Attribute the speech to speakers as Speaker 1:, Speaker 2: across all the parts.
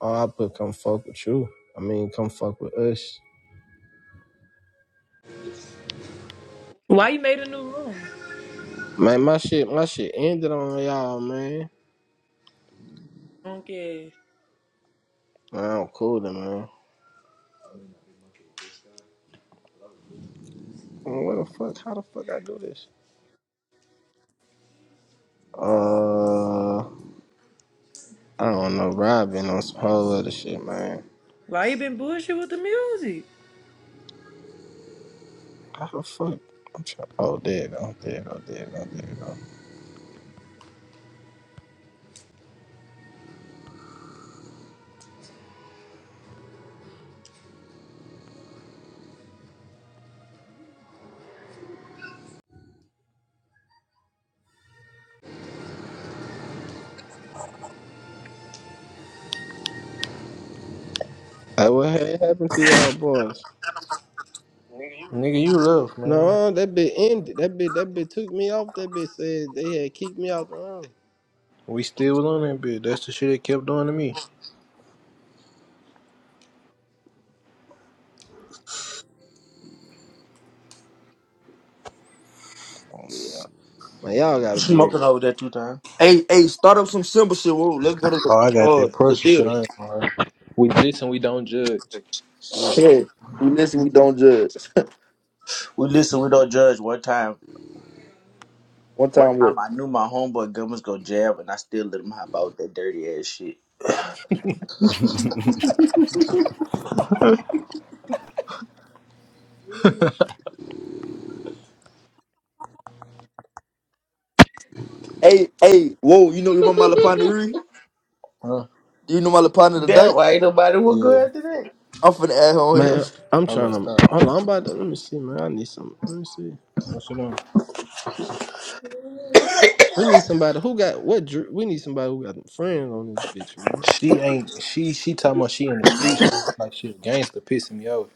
Speaker 1: Oh, I put come fuck with you. I mean, come fuck with us.
Speaker 2: Why you made a new room?
Speaker 1: Man, my shit, my shit ended on y'all, man.
Speaker 2: Punk ass.
Speaker 1: Man, I'm cool then, man. What the fuck? How the fuck I do this? Uh, I don't know, bro. i been on some whole other shit, man.
Speaker 2: Why you been bullshit with the music?
Speaker 1: How the fuck? I'm trying. Oh, there it go. There it go. There it go. There it go. Hey, what had happened to y'all boys?
Speaker 3: Nigga, you left, man.
Speaker 1: No, that bit ended. That bit, that bit took me off. That bit said they had kicked me out the room.
Speaker 3: We still was on that bitch. That's the shit it kept doing to me.
Speaker 1: Oh yeah. Man, y'all gotta be
Speaker 4: Smoking over there two times.
Speaker 5: Hey, hey, start up some simple shit. Whoa, let's go to
Speaker 3: Oh, I
Speaker 5: the
Speaker 3: got
Speaker 5: uh
Speaker 3: that
Speaker 5: the
Speaker 3: pressure shit.
Speaker 5: theater.
Speaker 3: I ain't gonna lie. We listen, we don't judge. Shit.
Speaker 5: Hey, we listen, we don't judge.
Speaker 4: We listen, we don't judge. One time,
Speaker 5: One
Speaker 4: one
Speaker 5: time what?
Speaker 4: time I knew my homeboy gun was gonna jab, and I still let him hop out with that dirty ass shit.
Speaker 6: Man,
Speaker 5: Hey, hey, whoa, you know remember my Lapana Riri?
Speaker 3: Huh?
Speaker 5: Do you know my Lapana
Speaker 4: Damn,
Speaker 5: today?
Speaker 4: why ain't nobody will go
Speaker 3: Yeah.
Speaker 4: after that?
Speaker 5: I'm finna add her on
Speaker 1: Man, I'm
Speaker 3: Hello,
Speaker 1: trying to
Speaker 3: stop.
Speaker 1: hold on. I'm about to let me see, man. I need some. Let me see.
Speaker 3: What's it on?
Speaker 1: We need somebody who got what? dr- We need somebody who got friends on this bitch, man.
Speaker 3: She ain't she she talking about she in the streets and act like she a gangster pissing me off.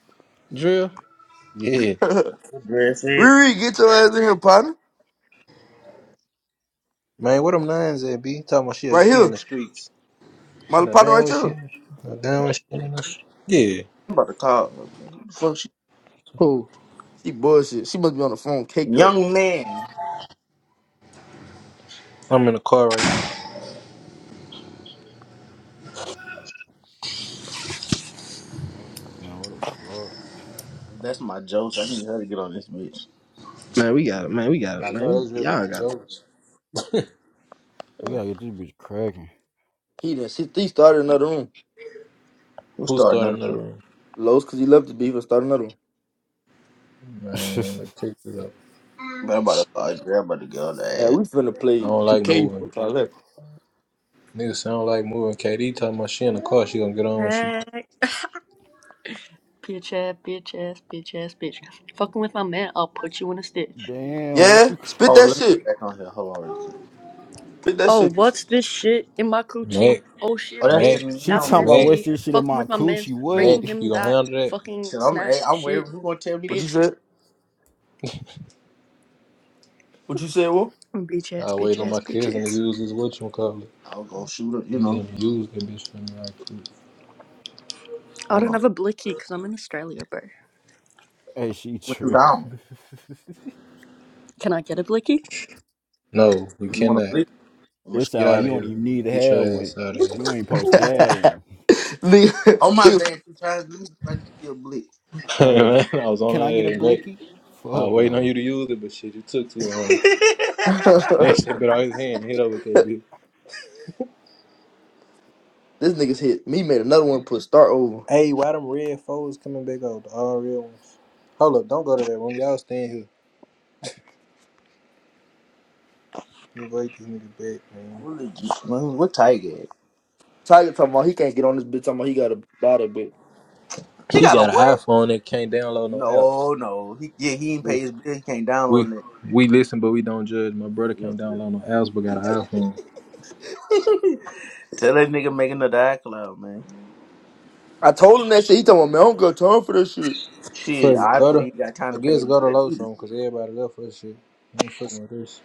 Speaker 1: Drill.
Speaker 3: Yeah.
Speaker 5: here.
Speaker 4: Dress it.
Speaker 5: Riri, get your ass in here, partner.
Speaker 3: Man, what them nines at B talking about she
Speaker 5: Right
Speaker 3: she in
Speaker 5: here.
Speaker 3: the streets. She
Speaker 5: My
Speaker 3: not
Speaker 5: partner
Speaker 3: down
Speaker 5: right
Speaker 3: with she
Speaker 5: here.
Speaker 3: not down with she in the streets. Yeah.
Speaker 4: I'm about to call her, man. Who the fuck she?
Speaker 1: Who?
Speaker 5: She bullshit. She must be on the phone caked up.
Speaker 4: Young man.
Speaker 3: I'm in the car right now.
Speaker 6: what the fuck?
Speaker 4: That's my jokes. I need her to get on this bitch.
Speaker 1: Man, we got it, man. We got
Speaker 3: I
Speaker 1: it, man.
Speaker 3: know that's
Speaker 1: We,
Speaker 3: really the
Speaker 1: y'all got it.
Speaker 3: jokes.
Speaker 6: We gotta get this bitch cracking.
Speaker 5: He done she, he started another room.
Speaker 4: Who
Speaker 3: Who
Speaker 4: started
Speaker 3: started
Speaker 4: another
Speaker 3: another
Speaker 4: one?
Speaker 3: room?
Speaker 5: Lowe's cause he left the beef and started another one.
Speaker 3: Man, look, take it up.
Speaker 4: Man, I'm about to call her. I'm about to get on the
Speaker 5: Man,
Speaker 4: ass.
Speaker 5: we finna
Speaker 3: I
Speaker 5: play
Speaker 3: don't like
Speaker 5: 2K.
Speaker 3: moving.
Speaker 5: I left.
Speaker 3: Nigga sound like moving. KD talking about she in the car. She gonna get on when she.
Speaker 7: Heck. Bitch ass, bitch ass, bitch ass, bitch. Fucking with my man, I'll put you in a stitch.
Speaker 6: Damn, what
Speaker 5: Yeah,
Speaker 6: you?
Speaker 5: spit
Speaker 4: Oh,
Speaker 5: that
Speaker 4: let me
Speaker 5: shit.
Speaker 4: get back on here. Hold on real quick.
Speaker 5: Spit that
Speaker 7: Oh,
Speaker 5: shit.
Speaker 7: what's this shit in my coochie?
Speaker 3: Mac,
Speaker 7: Oh
Speaker 4: Oh,
Speaker 7: shit,
Speaker 4: that's the
Speaker 3: Mac,
Speaker 7: bitch,
Speaker 6: She
Speaker 4: meow
Speaker 7: that's an
Speaker 6: talking about
Speaker 4: bitch.
Speaker 6: what's
Speaker 7: STD.
Speaker 3: Mac,
Speaker 6: this shit in
Speaker 7: Fucking
Speaker 6: my
Speaker 7: with my
Speaker 6: coochie?
Speaker 7: man's,
Speaker 3: Mac.
Speaker 7: bringing
Speaker 6: Wait,
Speaker 7: him
Speaker 3: You gonna
Speaker 7: that
Speaker 3: handle that?
Speaker 7: fucking
Speaker 4: Shit, I'm, hey,
Speaker 7: snatch
Speaker 4: I'm
Speaker 7: shit,
Speaker 4: worried. Who gonna tell me
Speaker 5: What
Speaker 4: this
Speaker 5: you
Speaker 4: shit?
Speaker 7: bitch.
Speaker 5: said? What you said, whoa?
Speaker 7: Bitch ass,
Speaker 3: I wait
Speaker 7: bitch
Speaker 3: on
Speaker 7: ass,
Speaker 3: my
Speaker 7: bitch
Speaker 3: kids and
Speaker 7: ass.
Speaker 3: use this what you call it.
Speaker 4: I'll go shoot her, you
Speaker 3: Get
Speaker 4: know.
Speaker 3: him use that bitch for me right quick.
Speaker 7: I
Speaker 4: Hold
Speaker 7: don't
Speaker 4: on.
Speaker 7: have a blicky because I'm in Australia, bro.
Speaker 6: Hey, she
Speaker 4: What you
Speaker 6: true.
Speaker 4: down?
Speaker 7: Can I get a blicky?
Speaker 3: No, you
Speaker 4: You wanna
Speaker 3: cannot.
Speaker 4: play? I'm gonna
Speaker 6: it
Speaker 4: sh-
Speaker 3: Get
Speaker 6: sound like
Speaker 3: out
Speaker 6: you
Speaker 3: of
Speaker 6: don't
Speaker 3: here.
Speaker 6: even need to
Speaker 3: Get your
Speaker 6: have
Speaker 3: ass
Speaker 6: one.
Speaker 3: out of here.
Speaker 6: You ain't supposed to have one.
Speaker 4: on my
Speaker 5: Nigga,
Speaker 4: bad two times. Let me see if I can get a blick.
Speaker 6: All right,
Speaker 3: man, I was on
Speaker 6: can I get a
Speaker 3: her ass, Mac.
Speaker 6: blicky?
Speaker 3: I was
Speaker 6: Fuck
Speaker 3: waiting on
Speaker 6: no.
Speaker 3: you to use it, but shit, you took too long. That
Speaker 5: nigga,
Speaker 3: shit bit out his hand. Hit up with that bitch.
Speaker 5: this nigga's hit. Me made another one. Put start over.
Speaker 3: Hey, why them red foes coming back out? The all real ones. Hold up, don't go to that room. Y'all staying here. Invite this nigga back, man.
Speaker 4: Really, geez, man, what Tiger? at?
Speaker 5: Tiger talking about he can't get on this bitch. Talking about he got a body, bitch.
Speaker 4: He
Speaker 3: He
Speaker 4: got a
Speaker 3: got an
Speaker 4: what?
Speaker 3: iPhone that can't download no apps.
Speaker 4: No, no. He yeah, he ain't
Speaker 3: We
Speaker 4: pay his bill. He can't
Speaker 3: we
Speaker 4: download it.
Speaker 3: we listen, but we don't judge. My brother
Speaker 4: Yeah,
Speaker 3: can't
Speaker 4: yeah.
Speaker 3: download no apps, but got an iPhone.
Speaker 4: Tell that nigga make another iCloud, man.
Speaker 5: I told him that shit. He talking about man, I don't got time for that shit.
Speaker 4: Shit,
Speaker 3: Fuck it, go
Speaker 4: obviously
Speaker 3: to
Speaker 4: he got time
Speaker 3: I
Speaker 4: to pay
Speaker 3: guess
Speaker 4: your
Speaker 3: go to
Speaker 4: bill
Speaker 3: Lotron because everybody left for this shit. He Ain't fucking with this.